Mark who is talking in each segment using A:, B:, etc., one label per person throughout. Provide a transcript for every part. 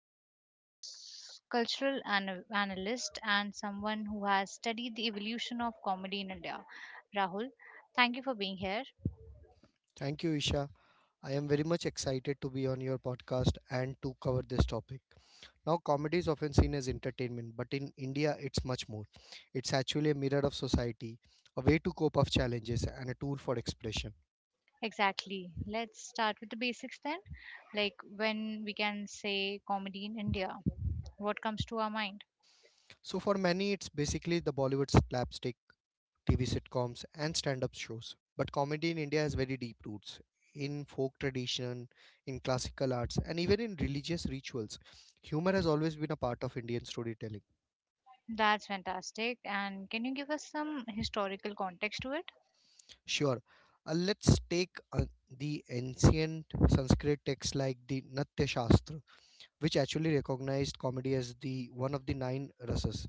A: Rahul, a cultural analyst and someone who has studied the evolution of comedy in India. Rahul, thank you for being here.
B: Thank you, Isha. I am very much excited to be on your podcast and to cover this topic. Now, comedy is often seen as entertainment, but in India, it's much more. It's actually a mirror of society, a way to cope up challenges, and a tool for expression.
A: Exactly. Let's start with the basics then. Like when we can say comedy in India, what comes to our mind?
B: So for many, it's basically the Bollywood slapstick, TV sitcoms, and stand-up shows. But comedy in India has very deep roots in folk tradition, in classical arts, and even in religious rituals. Humor has always been a part of Indian storytelling.
A: That's fantastic. And can you give us some historical context to it?
B: Sure, let's take the ancient Sanskrit texts like the Natya Shastra which actually recognized comedy as the one of the nine rases,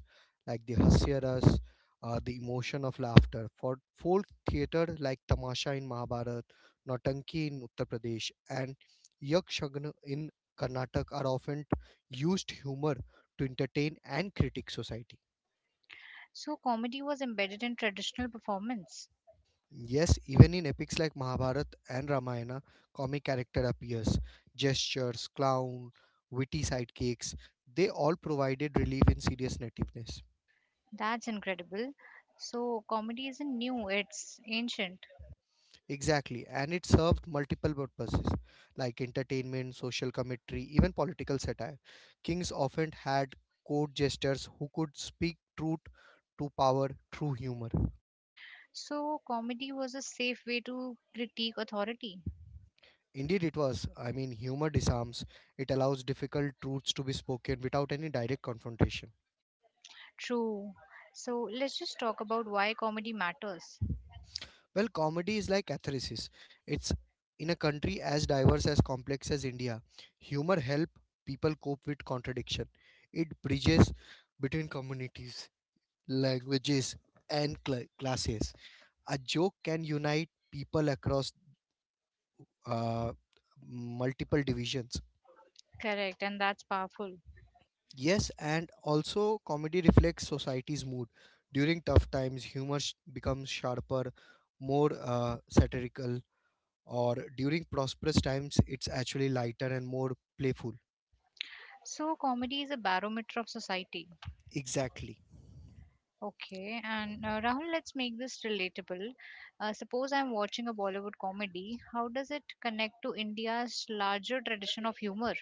B: like the hasya ras, the emotion of laughter. For folk theater like Tamasha in Mahabharat, Nautanki in Uttar Pradesh, and yakshagna in Karnataka are often used humor to entertain and critique society.
A: So, comedy was embedded in traditional performance.
B: Yes, even in epics like Mahabharat and Ramayana, comic character appears. Gestures, clown, witty sidekicks, they all provided relief in serious nativeness.
A: That's incredible. So, comedy isn't new, it's ancient.
B: Exactly, and it served multiple purposes like entertainment, social commentary, even political satire. Kings often had court jesters who could speak truth to power through humor.
A: So, comedy was a safe way to critique authority.
B: Indeed, it was. I mean, humor disarms, it allows difficult truths to be spoken without any direct confrontation.
A: True. So, let's just talk about why comedy matters.
B: Well, comedy is like atheresis. It's in a country as diverse as complex as India, humor help people cope with contradiction. It bridges between communities languages, and classes. A joke can unite people across uh, multiple divisions.
A: Correct, and that's powerful.
B: Yes, and also comedy reflects society's mood. During tough times, humor becomes sharper, more satirical, or during prosperous times, it's actually lighter and more playful.
A: So, comedy is a barometer of society.
B: Exactly.
A: Okay, and Rahul, let's make this relatable. Suppose I'm watching a Bollywood comedy. How does it connect to India's larger tradition of humor?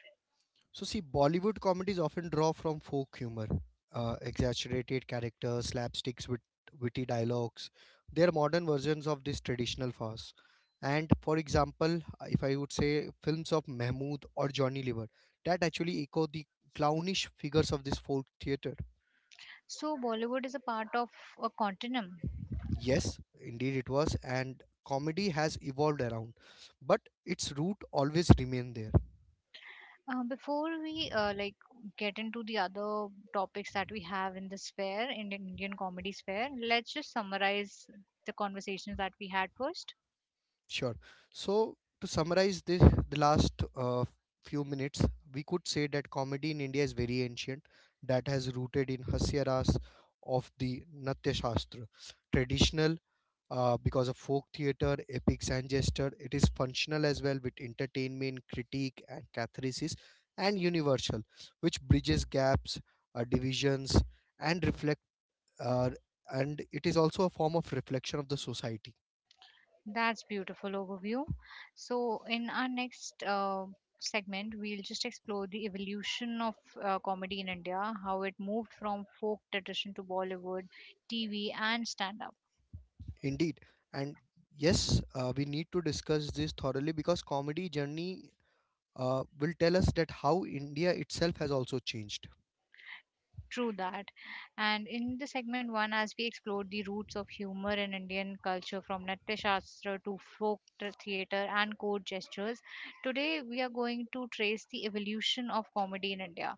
B: So, see, Bollywood comedies often draw from folk humor, exaggerated characters, slapsticks with witty dialogues. They are modern versions of this traditional farce. And for example, if I would say films of Mahmood or Johnny Lever, that actually echo the clownish figures of this folk theater.
A: So, Bollywood is a part of a continuum.
B: Yes, indeed it was, and comedy has evolved around, but its root always remained there.
A: Before we get into the other topics that we have in the sphere, in the Indian comedy sphere, let's just summarize the conversations that we had first.
B: Sure. So, to summarize this, the last few minutes, we could say that comedy in India is very ancient, that has rooted in Hasya Ras of the Natya Shastra. Traditional, because of folk theatre, epics, and gesture, it is functional as well with entertainment, critique, and catharsis, and universal, which bridges gaps, divisions, and reflect. Uh, and it is also a form of reflection of the society.
A: That's beautiful overview. So in our next segment, we'll just explore the evolution of comedy in India, how it moved from folk tradition to Bollywood, TV, and stand-up.
B: Indeed. And yes, we need to discuss this thoroughly because comedy journey will tell us that how India itself has also changed.
A: True that. And in the segment one, as we explored the roots of humor in Indian culture, from Natya Shastra to folk theater and court gestures, today we are going to trace the evolution of comedy in India.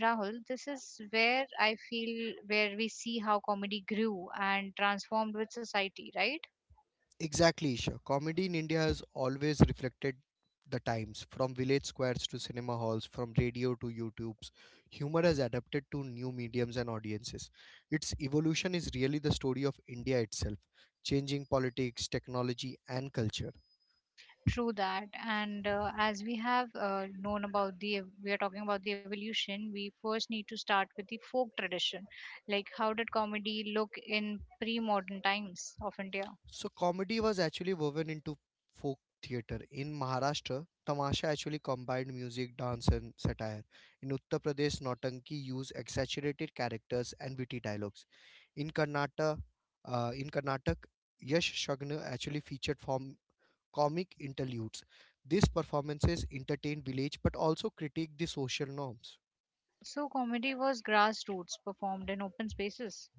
A: Rahul, this is where I feel where we see how comedy grew and transformed with society, right?
B: Exactly, Isha. Comedy in India has always reflected the times from village squares to cinema halls, from radio to YouTubes. Humor has adapted to new mediums and audiences. Its evolution is really the story of India itself, changing politics, technology, and culture.
A: True that. And as we have known about we are talking about the evolution, we first need to start with the folk tradition. Like, how did comedy look in pre modern times of India?
B: So comedy was actually woven into folk theater. In Maharashtra, Tamasha actually combined music, dance, and satire. In Uttar Pradesh, Nautanki used exaggerated characters and witty dialogues. In Karnataka, in Karnataka, Yash Shagna actually featured form comic interludes. These performances entertained village but also critiqued the social norms.
A: So, comedy was grassroots, performed in open spaces.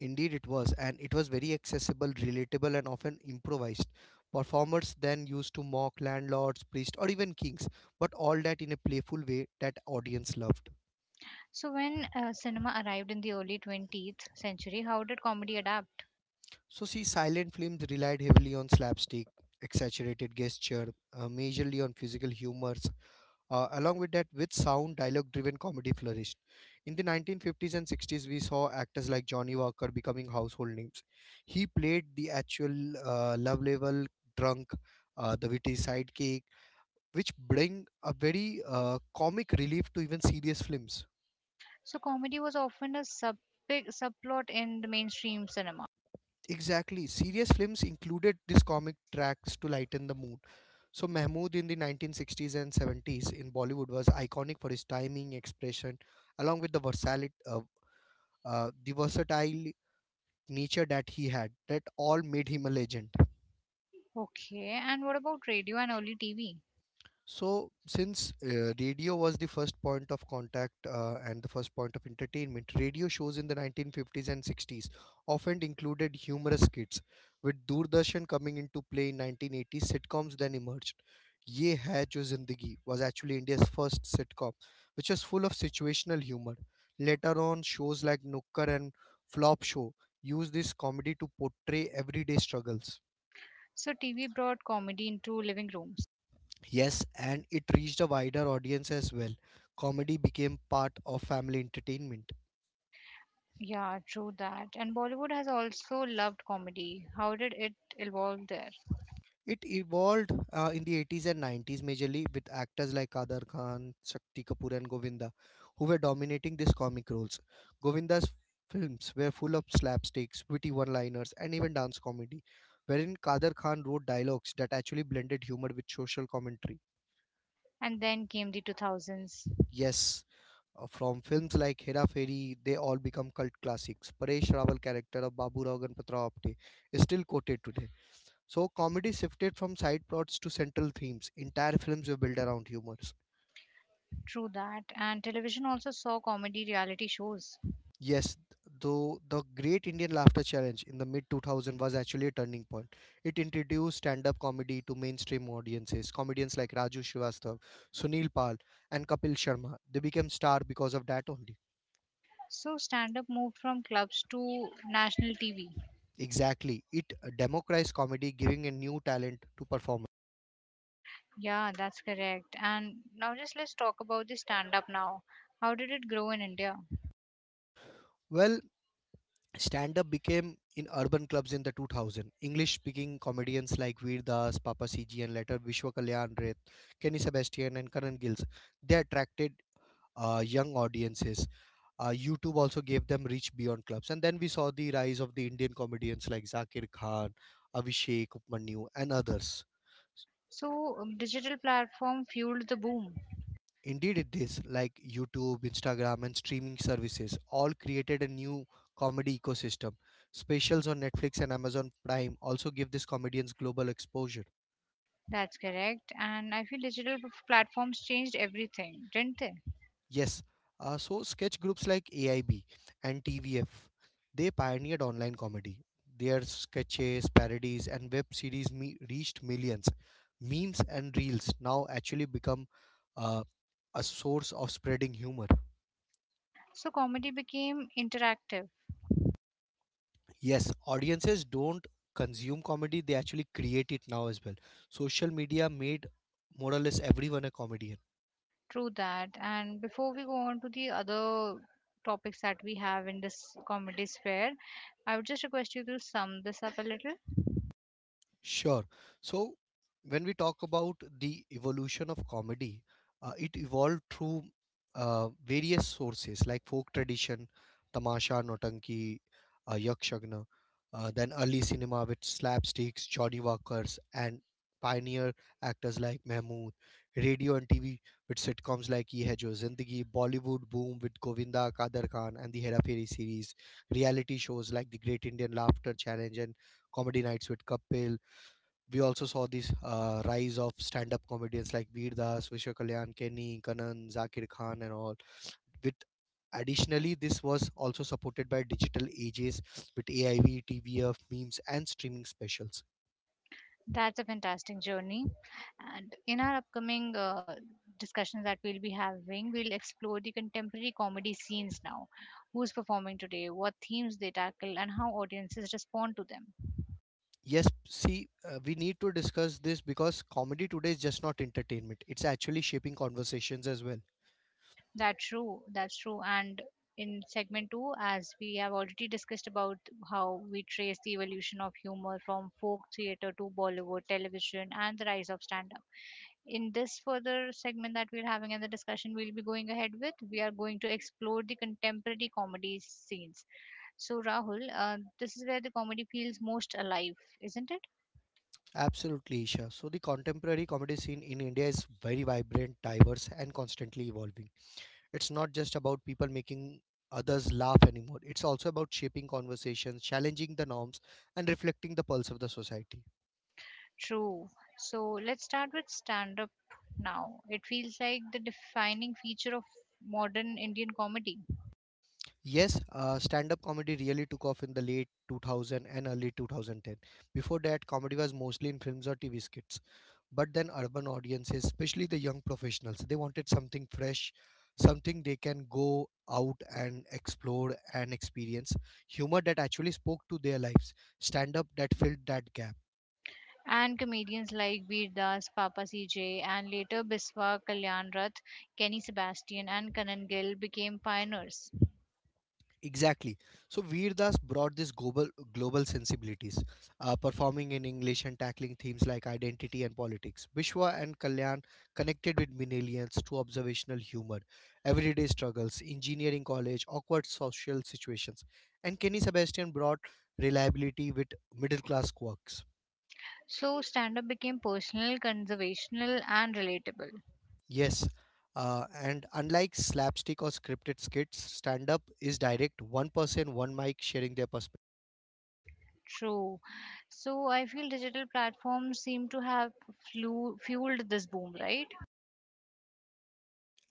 B: Indeed, it was, and it was very accessible, relatable, and often improvised. Performers then used to mock landlords, priests, or even kings, but all that in a playful way that audience loved.
A: So, when cinema arrived in the early 20th century, how did comedy adapt?
B: So, see, silent films relied heavily on slapstick, exaggerated gesture, majorly on physical humors, along with that, with sound, dialogue driven comedy flourished. In the 1950s and 60s, we saw actors like Johnny Walker becoming household names. He played the actual love level drunk, the witty sidekick, which bring a very comic relief to even serious films.
A: So comedy was often a subplot in the mainstream cinema.
B: Exactly, serious films included these comic tracks to lighten the mood. So Mahmood in the 1960s and 70s in Bollywood was iconic for his timing, expression, along with the versatile nature that he had, that all made him a legend.
A: Okay, and what about radio and early TV?
B: So, since radio was the first point of contact and the first point of entertainment, radio shows in the 1950s and 60s often included humorous skits. With Doordarshan coming into play in 1980s, sitcoms then emerged. Ye Hai Jo Zindagi was actually India's first sitcom, which was full of situational humor. Later on, shows like Nukkar and Flop Show used this comedy to portray everyday struggles.
A: So TV brought comedy into living rooms.
B: Yes, and it reached a wider audience as well. Comedy became part of family entertainment.
A: Yeah, true that. And Bollywood has also loved comedy. How did it evolve there?
B: It evolved in the 80s and 90s majorly with actors like Kadar Khan, Shakti Kapoor, and Govinda, who were dominating these comic roles. Govinda's films were full of slapsticks, witty one liners, and even dance comedy, wherein Kadar Khan wrote dialogues that actually blended humor with social commentary.
A: And then came the 2000s.
B: Yes, from films like Hera Fairy, they all become cult classics. Paresh Rawal character of Babu Rao Ganpatra Apte is still quoted today. So comedy shifted from side plots to central themes. Entire films were built around humors.
A: True that. And television also saw comedy reality shows.
B: Yes, though the Great Indian Laughter Challenge in the mid 2000 was actually a turning point. It introduced stand-up comedy to mainstream audiences. Comedians like Raju Srivastav, Sunil Pal, and Kapil Sharma they became star because of that only.
A: So stand up moved from clubs to national TV.
B: Exactly. It democratized comedy, giving a new talent to performers.
A: Yeah, that's correct. And now just let's talk about the stand up now. How did it grow in India?
B: Well, stand up became in urban clubs in the 2000. English speaking comedians like Veer Das, Papa CG, and later Vishwa Kalyan Reth, Kenny Sebastian, and Karan Gills. They attracted young audiences. YouTube also gave them reach beyond clubs. And then we saw the rise of the Indian comedians like Zakir Khan, Abhishek Upmanyu, and others.
A: So digital platform fueled the boom.
B: Indeed, it is like YouTube, Instagram, and streaming services all created a new comedy ecosystem. Specials on Netflix and Amazon Prime also give these comedians global exposure.
A: That's correct. And I feel digital platforms changed everything, didn't they?
B: Yes, so sketch groups like AIB and TVF they pioneered online comedy. Their sketches, parodies, and reached millions. Memes and reels now actually become uh, a source of spreading humor.
A: So comedy became interactive.
B: Yes, audiences don't consume comedy, they actually create it now as well. Social media made more or less everyone a comedian.
A: True that. And before we go on to the other topics that we have in this comedy sphere, I would just request you to sum this up a little.
B: Sure. So, when we talk about the evolution of comedy, it evolved through various sources like folk tradition, tamasha, notanki, yakshagna, then early cinema with slapsticks, Johnny Walkers, and pioneer actors like Mahmood, radio and TV with sitcoms like Ye Hai Jo Zindagi, Bollywood boom with Govinda Kader Khan and the Hera Fairy series, reality shows like the Great Indian Laughter Challenge and Comedy Nights with Kapil. We also saw this rise of stand-up comedians like Veer Das, Vishwa Kalyan, Kenny, Kanan, Zakir Khan, and all. With additionally, this was also supported by digital ages with AIV, TVF, memes, and streaming specials.
A: That's a fantastic journey. And in our upcoming discussions that we'll be having, we'll explore the contemporary comedy scenes now. Who's performing today, what themes they tackle, and how audiences respond to them.
B: Yes, see, we need to discuss this because comedy today is just not entertainment; it's actually shaping conversations as well.
A: That's true. That's true. And in segment two, as we have already discussed about how we trace the evolution of humor from folk theater to Bollywood, television, and the rise of stand up. In this further segment that we're having and the discussion we'll be going ahead with, we are going to explore the contemporary comedy scenes. So, Rahul, this is where the comedy feels most alive, isn't it?
B: Absolutely, Isha. So the contemporary comedy scene in India is very vibrant, diverse, and constantly evolving. It's not just about people making others laugh anymore. It's also about shaping conversations, challenging the norms, and reflecting the pulse of the society.
A: True. So, let's start with stand up now. It feels like the defining feature of modern Indian comedy.
B: Yes, stand-up comedy really took off in the late 2000 and early 2010. Before that, comedy was mostly in films or TV skits. But then urban audiences, especially the young professionals, they wanted something fresh, something they can go out and explore and experience, humor that actually spoke to their lives, stand-up that filled that gap.
A: And comedians like Veer Das, Papa CJ, and later Biswa Kalyan Rath, Kenny Sebastian, and Kanan Gill became pioneers.
B: Exactly. So Veer Das brought this global sensibilities, performing in English and tackling themes like identity and politics. Bishwa and Kalyan connected with millennials through observational humor, everyday struggles, engineering college, awkward social situations, and Kenny Sebastian brought reliability with middle class quirks.
A: So stand up became personal, conservational, and relatable.
B: Yes. And unlike slapstick or scripted skits, stand up is direct, one person, one mic sharing their perspective.
A: True. So I feel digital platforms seem to have fueled this boom, right?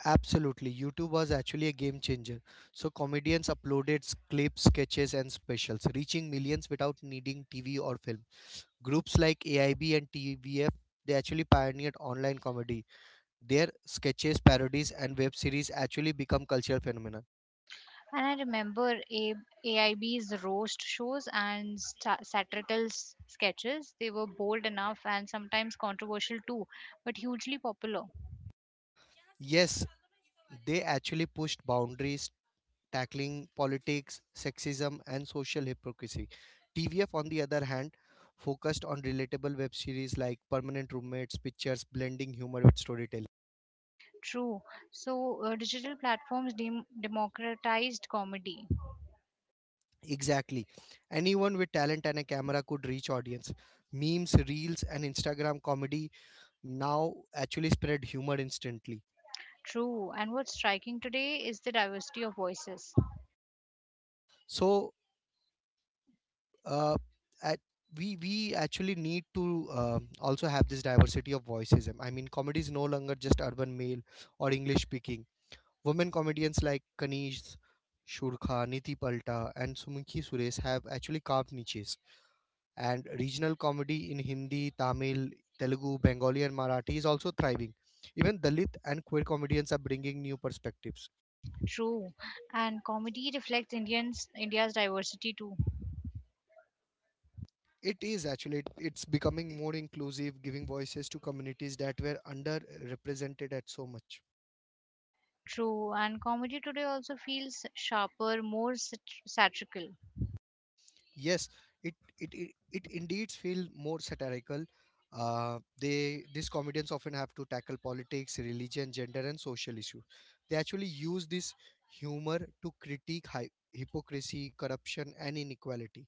B: Absolutely. YouTube was actually a game changer. So comedians uploaded clips, sketches, and specials, reaching millions without needing TV or film. Groups like AIB and TVF, they actually pioneered online comedy. Their sketches, parodies, and web series actually become cultural phenomena.
A: And I remember AIB's roast shows and sta satirical sketches. They were bold enough and sometimes controversial too, but hugely popular.
B: Yes, they actually pushed boundaries, tackling politics, sexism, and social hypocrisy. TVF, on the other hand, focused on relatable web series like Permanent Roommates, Pictures, blending humor with storytelling.
A: True. So digital platforms democratized comedy.
B: Exactly. Anyone with talent and a camera could reach audience. Memes, reels, and Instagram comedy now actually spread humor instantly.
A: True. And what's striking today is the diversity of voices.
B: So, uh, at, we actually need to also have this diversity of voices. I mean, comedy is no longer just urban male or English speaking. Women comedians like Kanish Shurkha, Niti Palta, and Sumukhi Suresh have actually carved niches. And regional comedy in Hindi, Tamil, Telugu, Bengali, and Marathi is also thriving. Even Dalit and queer comedians are bringing new perspectives.
A: True, and comedy reflects Indians India's diversity too.
B: It is actually, it's becoming more inclusive, giving voices to communities that were underrepresented at so much.
A: True, and comedy today also feels sharper, more satirical.
B: Yes, it indeed feel more satirical. They these comedians often have to tackle politics, religion, gender, and social issues. They actually use this humor to critique hypocrisy, corruption, and inequality.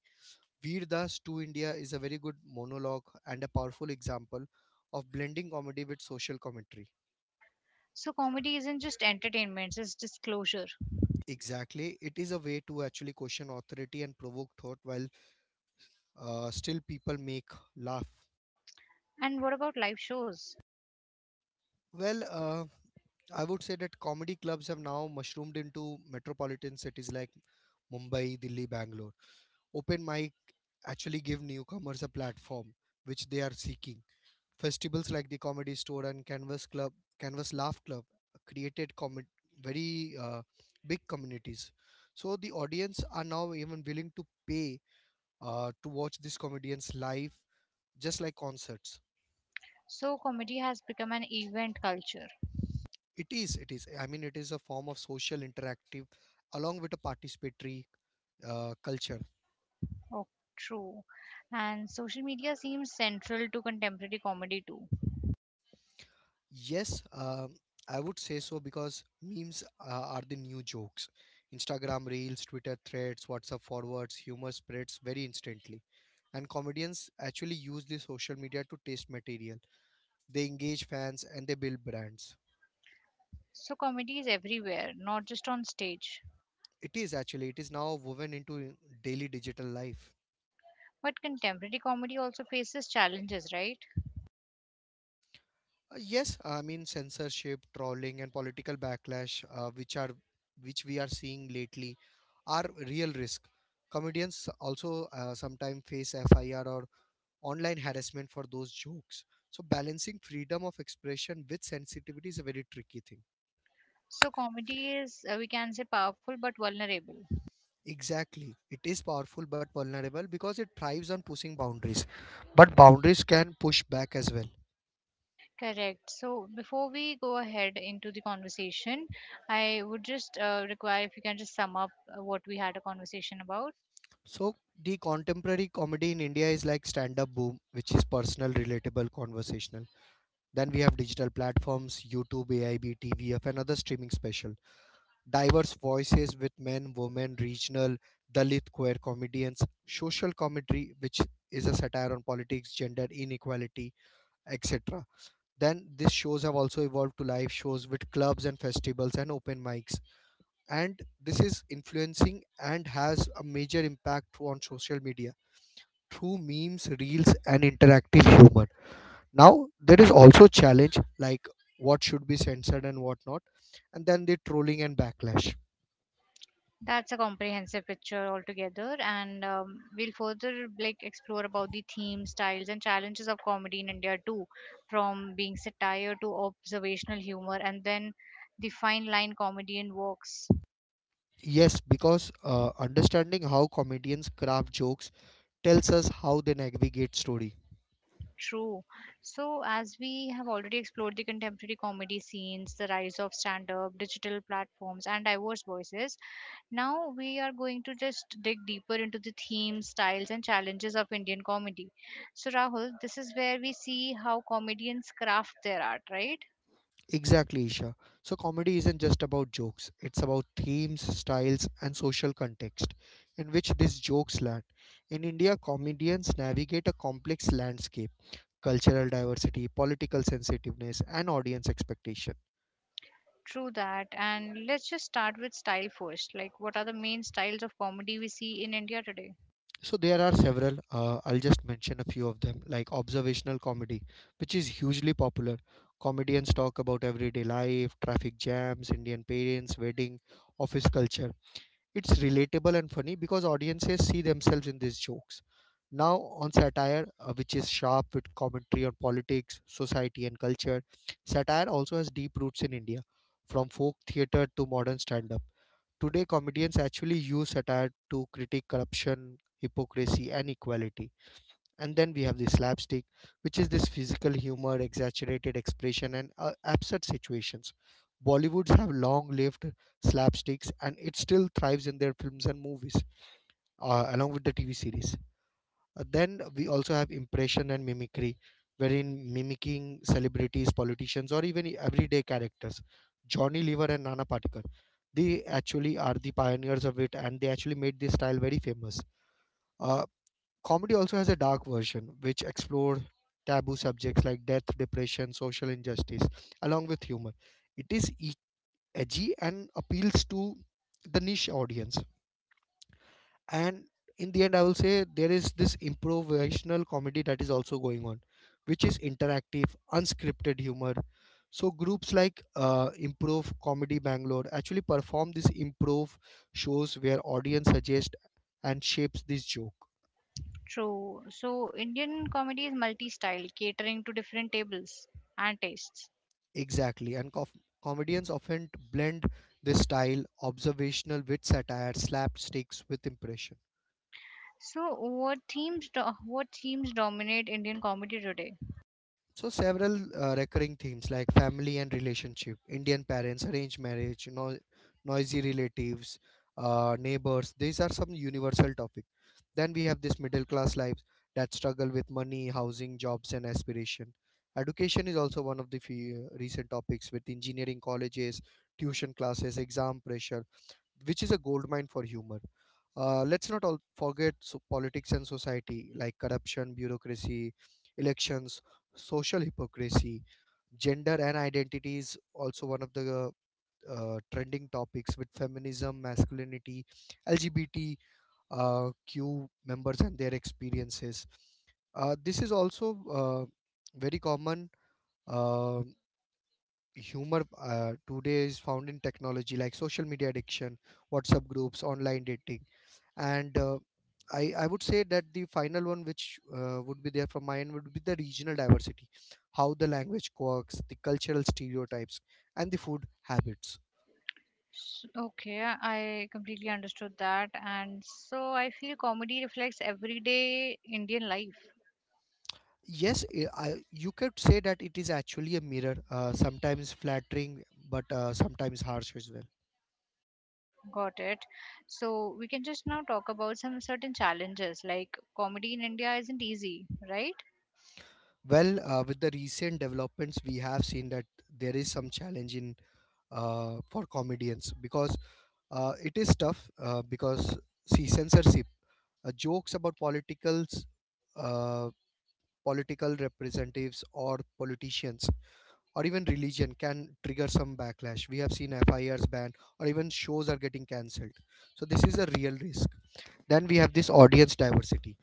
B: Veer Das to India is a very good monologue and a powerful example of blending comedy with social commentary.
A: So comedy isn't just entertainment; it's disclosure.
B: Exactly, it is a way to actually question authority and provoke thought while still people make laugh.
A: And what about live shows?
B: Well, uh, I would say that comedy clubs have now mushroomed into metropolitan cities like Mumbai, Delhi, Bangalore. Open mic actually give newcomers a platform which they are seeking. Festivals like the Comedy Store and Canvas Club, Canvas Laugh Club created com- very big communities. So the audience are now even willing to pay to watch these comedians live, just like concerts.
A: So comedy has become an event culture.
B: It is, it is. I mean, it is a form of social interactive along with a participatory culture.
A: Oh, true. And social media seems central to contemporary comedy too.
B: Yes, I would say so because memes are the new jokes. Instagram reels, Twitter threads, WhatsApp forwards, humor spreads very instantly. And comedians actually use the social media to taste material. They engage fans and they build brands.
A: So comedy is everywhere, not just on stage.
B: It is actually, it is now woven into daily digital life.
A: But contemporary comedy also faces challenges, right?
B: Yes, I mean censorship, trolling, and political backlash, which are which we are seeing lately, are real risk. Comedians also sometimes face FIR or online harassment for those jokes. So balancing freedom of expression with sensitivity is a very tricky thing.
A: So comedy is, we can say, powerful but vulnerable.
B: Exactly, it is powerful but vulnerable because it thrives on pushing boundaries, but boundaries can push back as well.
A: Correct. So before we go ahead into the conversation, I would just require if you can just sum up what we had a conversation about.
B: So the contemporary comedy in India is like stand-up boom, which is personal, relatable, conversational. Then we have digital platforms, YouTube, AIB, TVF, and other streaming special. Diverse voices with men, women, regional, Dalit, queer comedians, social commentary, which is a satire on politics, gender inequality, etc. Then these shows have also evolved to live shows with clubs and festivals and open mics. And this is influencing and has a major impact on social media through memes, reels, and interactive humor. Now there is also challenge like what should be censored and what not, and then the trolling and backlash.
A: That's a comprehensive picture altogether, and we'll further like explore about the themes, styles, and challenges of comedy in India too, from being satire to observational humor, and then the fine line comedian walks.
B: Yes, because understanding how comedians craft jokes tells us how they navigate story.
A: True. So, as we have already explored the contemporary comedy scenes, the rise of stand up, digital platforms, and diverse voices, now we are going to just dig deeper into the themes, styles, and challenges of Indian comedy. So, Rahul, this is where we see how comedians craft their art, right?
B: Exactly, Isha. So comedy isn't just about jokes, it's about themes, styles and social context in which these jokes land. In India, comedians navigate a complex landscape, cultural diversity, political sensitiveness, and audience expectation.
A: True that. And let's just start with style first. Like, what are the main styles of comedy we see in India today?
B: So there are several. I'll just mention a few of them, like observational comedy, which is hugely popular. Comedians talk about everyday life, traffic jams, Indian parents, wedding, office culture. It's relatable and funny because audiences see themselves in these jokes. Now on satire, which is sharp with commentary on politics, society, and culture. Satire also has deep roots in India, from folk theater to modern stand up. Today, comedians actually use satire to critique corruption, hypocrisy, and equality. And then we have the slapstick, which is this physical humor, exaggerated expression, and absurd situations. Bollywoods have long lived slapsticks and it still thrives in their films and movies, along with the TV series. Then we also have impression and mimicry, wherein mimicking celebrities, politicians, or even everyday characters. Johnny Lever and Nana Patekar, they actually are the pioneers of it, and they actually made this style very famous. Uh, Comedy also has a dark version, which explore taboo subjects like death, depression, social injustice, along with humor. It is edgy and appeals to the niche audience. And in the end, I will say there is this improvisational comedy that is also going on, which is interactive unscripted humor. So groups like improv comedy Bangalore actually perform these improv shows where audience suggests and shapes this joke.
A: True. So, Indian comedy is multi style, catering to different tables and tastes.
B: Exactly, comedians often blend this style, observational with satire, slapsticks with impression.
A: So, what themes dominate Indian comedy today?
B: So several recurring themes like family and relationship, Indian parents, arranged marriage, noisy relatives, neighbors. These are some universal topic. Then we have this middle class lives that struggle with money, housing, jobs, and aspiration. Education is also one of the few recent topics with engineering colleges, tuition classes, exam pressure, which is a gold mine for humor. Let's not all forget so politics and society like corruption, bureaucracy, elections, social hypocrisy, gender and identity is also one of the trending topics with feminism, masculinity, LGBT, Q members and their experiences. This is also very common. um Humor today is found in technology like social media addiction, WhatsApp groups, online dating, and I would say that the final one, which would be there from my end, would be the regional diversity, how the language works, the cultural stereotypes, and the food habits.
A: Okay, I completely understood that, and so I feel comedy reflects everyday Indian life.
B: Yes, you could say that it is actually a mirror, sometimes flattering but sometimes harsh as well.
A: Got it. So we can just now talk about some certain challenges, like comedy in India isn't easy, right?
B: With the recent developments, we have seen that there is some challenge in for comedians because it is tough because, see, censorship, jokes about politicals, uh, political representatives or politicians or even religion can trigger some backlash. We have seen FIRs banned, or even shows are getting cancelled. So this is a real risk. Then we have this audience diversity,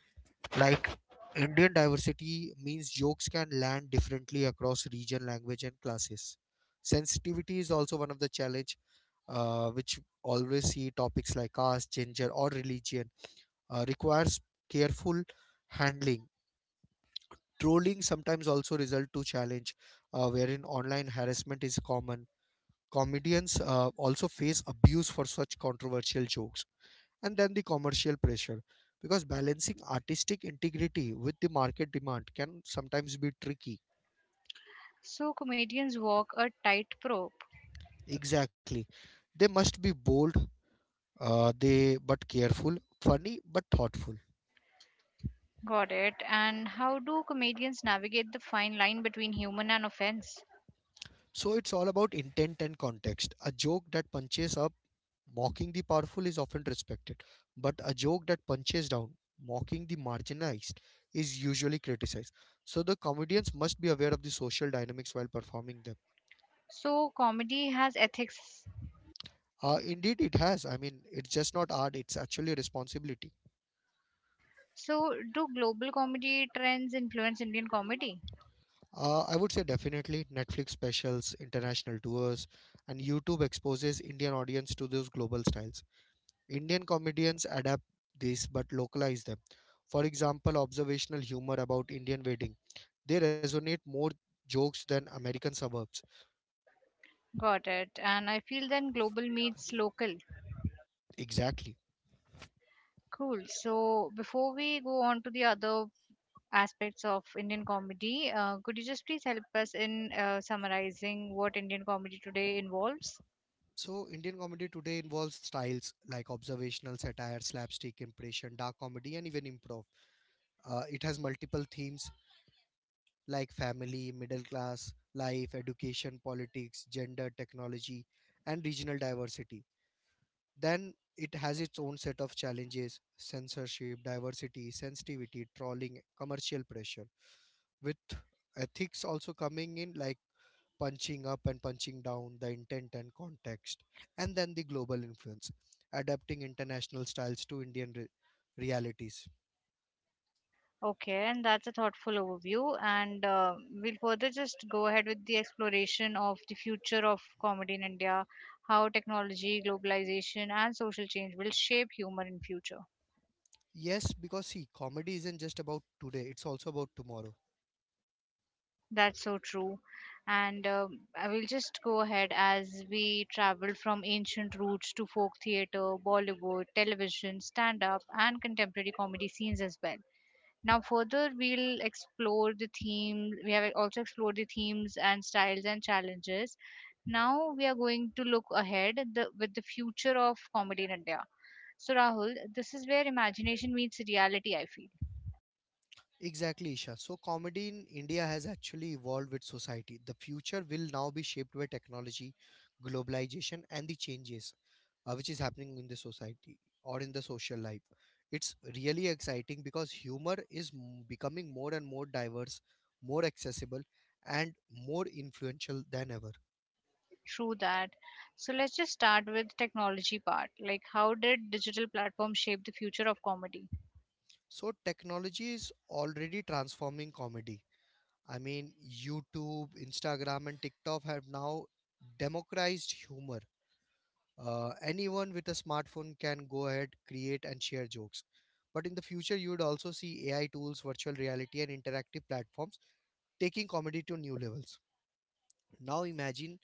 B: like Indian diversity means jokes can land differently across region, language, and classes. Sensitivity is also one of the challenge, which always see topics like caste, gender, or religion requires careful handling. Trolling sometimes also result to challenge, wherein online harassment is common. Comedians also face abuse for such controversial jokes. And then the commercial pressure, because balancing artistic integrity with the market demand can sometimes be tricky.
A: So comedians walk a tight rope.
B: Exactly. They must be bold, they but careful, funny but thoughtful.
A: Got it. And how do comedians navigate the fine line between human and offense?
B: So it's all about intent and context. A joke that punches up, mocking the powerful, is often respected, but a joke that punches down, mocking the marginalized, is usually criticized. So the comedians must be aware of the social dynamics while performing them.
A: So comedy has ethics.
B: Indeed, it has. I mean, it's just not art, it's actually a responsibility.
A: So, do global comedy trends influence Indian comedy?
B: I would say definitely Netflix specials, international tours, and YouTube exposes Indian audience to those global styles. Indian comedians adapt this but localize them. For example, observational humor about Indian wedding. They resonate more jokes than American suburbs.
A: Got it. And I feel then global meets local.
B: Exactly.
A: Cool. So, before we go on to the other aspects of Indian comedy, could you just please help us in summarizing what Indian comedy today involves?
B: So Indian comedy today involves styles like observational satire, slapstick, impression, dark comedy, and even improv. It has multiple themes like family, middle class, life, education, politics, gender, technology, and regional diversity. Then it has its own set of challenges: censorship, diversity, sensitivity, trolling, commercial pressure. With ethics also coming in, like punching up and punching down, the intent and context. And then the global influence, adapting international styles to Indian realities.
A: Okay, and that's a thoughtful overview. And we'll further just go ahead with the exploration of the future of comedy in India, how technology, globalization, and social change will shape humor in future.
B: Yes, because, see, comedy isn't just about today, it's also about tomorrow.
A: That's so true. And I will just go ahead as we travel from ancient roots to folk theater, Bollywood, television, stand up, and contemporary comedy scenes as well. Now, further, we'll explore the theme. We have also explored the themes and styles and challenges. Now, we are going to look ahead the, with the future of comedy in India. So, Rahul, this is where imagination meets reality, I feel.
B: Exactly, Isha. So comedy in India has actually evolved with society. The future will now be shaped by technology, globalization, and the changes which is happening in the society or in the social life. It's really exciting because humor is becoming more and more diverse, more accessible, and more influential than ever.
A: True that. So let's just start with technology part. Like how did digital platforms shape the future of comedy?
B: So technology is already transforming comedy. I mean, YouTube, Instagram, and TikTok have now democratized humor. Anyone with a smartphone can go ahead create and share jokes, but in the future you would also see AI tools, virtual reality, and interactive platforms taking comedy to new levels. Now imagine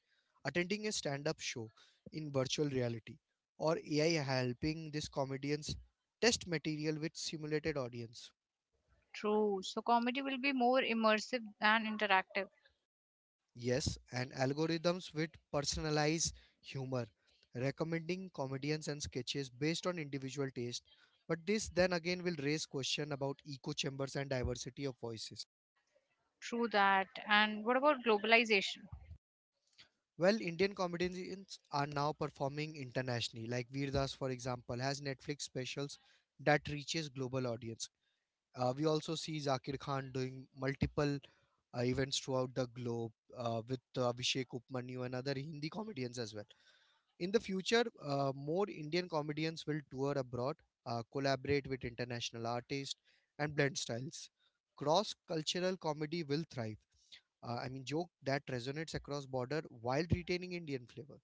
B: attending a stand-up show in virtual reality, or AI helping these comedians test material with simulated audience.
A: True. So comedy will be more immersive and interactive.
B: Yes, and algorithms with personalized humor, recommending comedians and sketches based on individual taste. But this then again will raise question about echo chambers and diversity of voices.
A: True that. And what about globalization?
B: Well, Indian comedians are now performing internationally. Like Veer Das, for example, has Netflix specials that reaches global audience. We also see Zakir Khan doing multiple events throughout the globe with Abhishek Upmanyu and other Hindi comedians as well. In the future, more Indian comedians will tour abroad, collaborate with international artists, and blend styles. Cross cultural comedy will thrive. I mean, joke that resonates across border while retaining Indian flavor.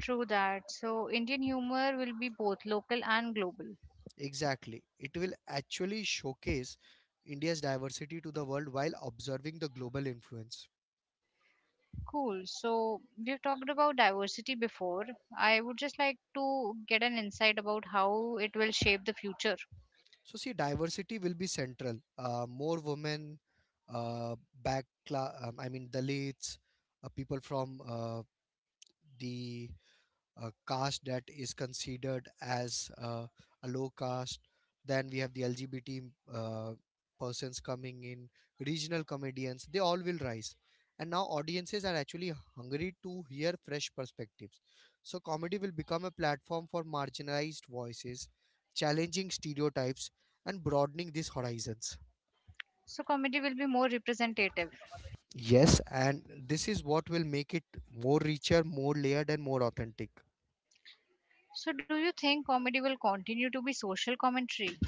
A: True. That. So Indian humor will be both local and global.
B: Exactly. It will actually showcase India's diversity to the world while observing the global influence.
A: Cool. So we've talked about diversity before. I would just like to get an insight about how it will shape the future.
B: So, see, diversity will be central. More women, uh, I mean, Dalits, people from the a caste that is considered as a low caste. Then we have the LGBT uh, persons coming in, regional comedians, they all will rise. And now audiences are actually hungry to hear fresh perspectives. So comedy will become a platform for marginalized voices, challenging stereotypes, and broadening these horizons.
A: So comedy will be more representative.
B: Yes, and this is what will make it more richer, more layered, and more authentic.
A: So, do you think comedy will continue to be social commentary?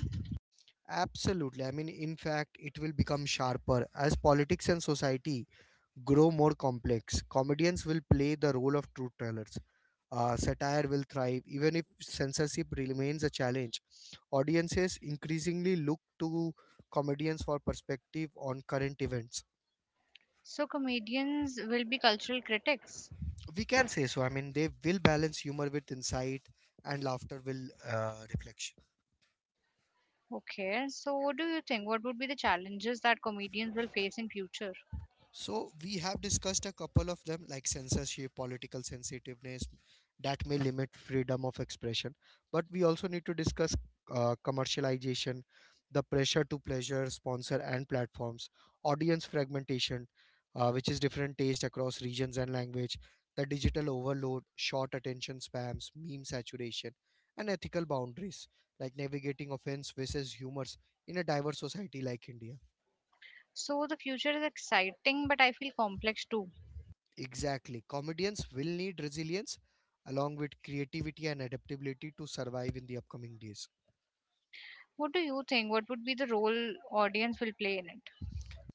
B: Absolutely. I mean, in fact, it will become sharper. As politics and society grow more complex, comedians will play the role of truth tellers. Satire will thrive. Even if censorship remains a challenge, audiences increasingly look to comedians for perspective on current events.
A: So, comedians will be cultural critics.
B: We can say so. I mean, they will balance humor with insight, and laughter will reflection.
A: Okay, so what do you think? What would be the challenges that comedians will face in future?
B: So we have discussed a couple of them, like censorship, political sensitiveness that may limit freedom of expression. But we also need to discuss commercialization, the pressure to pleasure sponsor and platforms, audience fragmentation, which is different taste across regions and language, the digital overload, short attention spams, meme saturation, and ethical boundaries like navigating offense versus humors in a diverse society like India.
A: So, the future is exciting, but I feel complex too.
B: Exactly. Comedians will need resilience along with creativity and adaptability to survive in the upcoming days.
A: What do you think? What would be the role audience will play in it?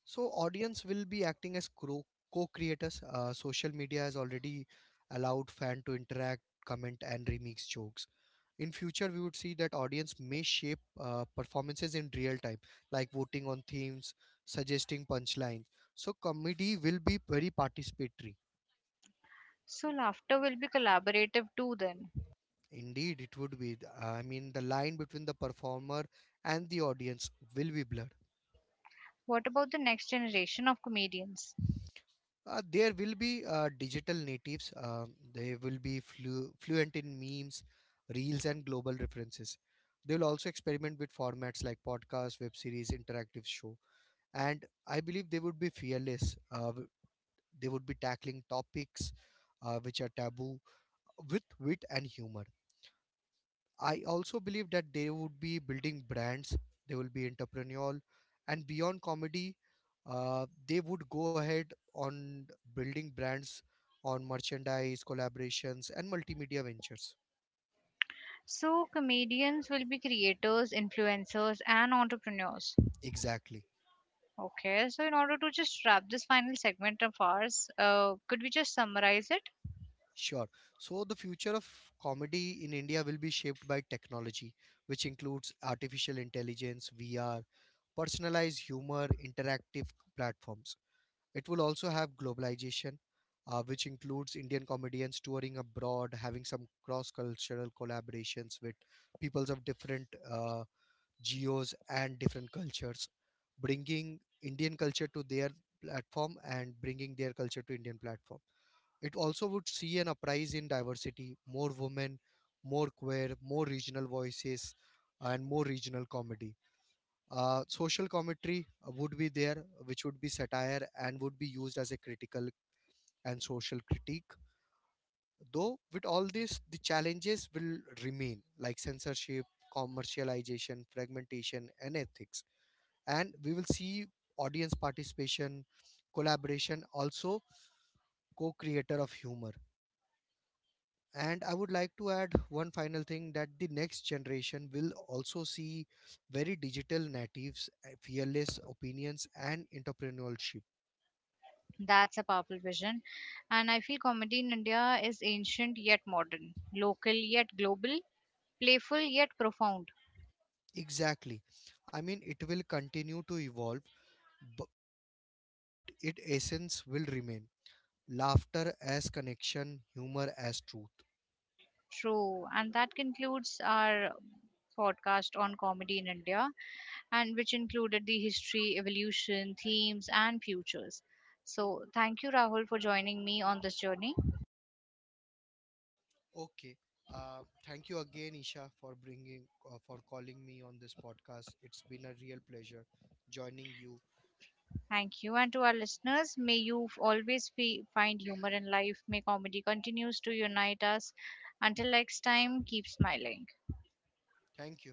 B: So audience will be acting as co-creators. Social media has already allowed fan to interact, comment, and remix jokes. In future, we would see that audience may shape performances in real time, like voting on themes, suggesting punchlines. So comedy will be very participatory.
A: So, laughter will be collaborative too then.
B: Indeed, it would be. I mean, the line between the performer and the audience will be blurred.
A: What about the next generation of comedians?
B: There will be digital natives. They will be fluent in memes, reels, and global references. They will also experiment with formats like podcasts, web series, interactive show, and I believe they would be fearless. They would be tackling topics which are taboo with wit and humor. I also believe that they would be building brands, they will be entrepreneurial, and beyond comedy, they would go ahead on building brands on merchandise, collaborations, and multimedia ventures.
A: So, comedians will be creators, influencers, and entrepreneurs.
B: Exactly.
A: Okay, so in order to just wrap this final segment of ours, could we just summarize it?
B: Sure. So the future of comedy in India will be shaped by technology, which includes artificial intelligence, VR, personalized humor, interactive platforms. It will also have globalization, which includes Indian comedians touring abroad, having some cross cultural collaborations with peoples of different geos and different cultures, bringing Indian culture to their platform and bringing their culture to Indian platform. It also would see an uprise in diversity, more women, more queer, more regional voices, and more regional comedy. Social commentary would be there, which would be satire and would be used as a critical and social critique. Though, with all this, the challenges will remain like censorship, commercialization, fragmentation, and ethics. And we will see audience participation, collaboration, also co creator of humor. And I would like to add one final thing, that the next generation will also see very digital natives, fearless opinions, and entrepreneurship.
A: That's a powerful vision. And I feel comedy in India is ancient yet modern, local yet global, playful yet profound.
B: Exactly. I mean, it will continue to evolve, bu- but its essence will remain laughter as connection, humor as truth.
A: True. And that concludes our podcast on comedy in India, and which included the history, evolution, themes, and futures. So, thank you, Rahul, for joining me on this journey.
B: Okay. Thank you again, Isha, for bringing, for calling me on this podcast. It's been a real pleasure joining you.
A: Thank you. And to our listeners, may you always find humor in life. May comedy continues to unite us. Until next time, keep smiling.
B: Thank you.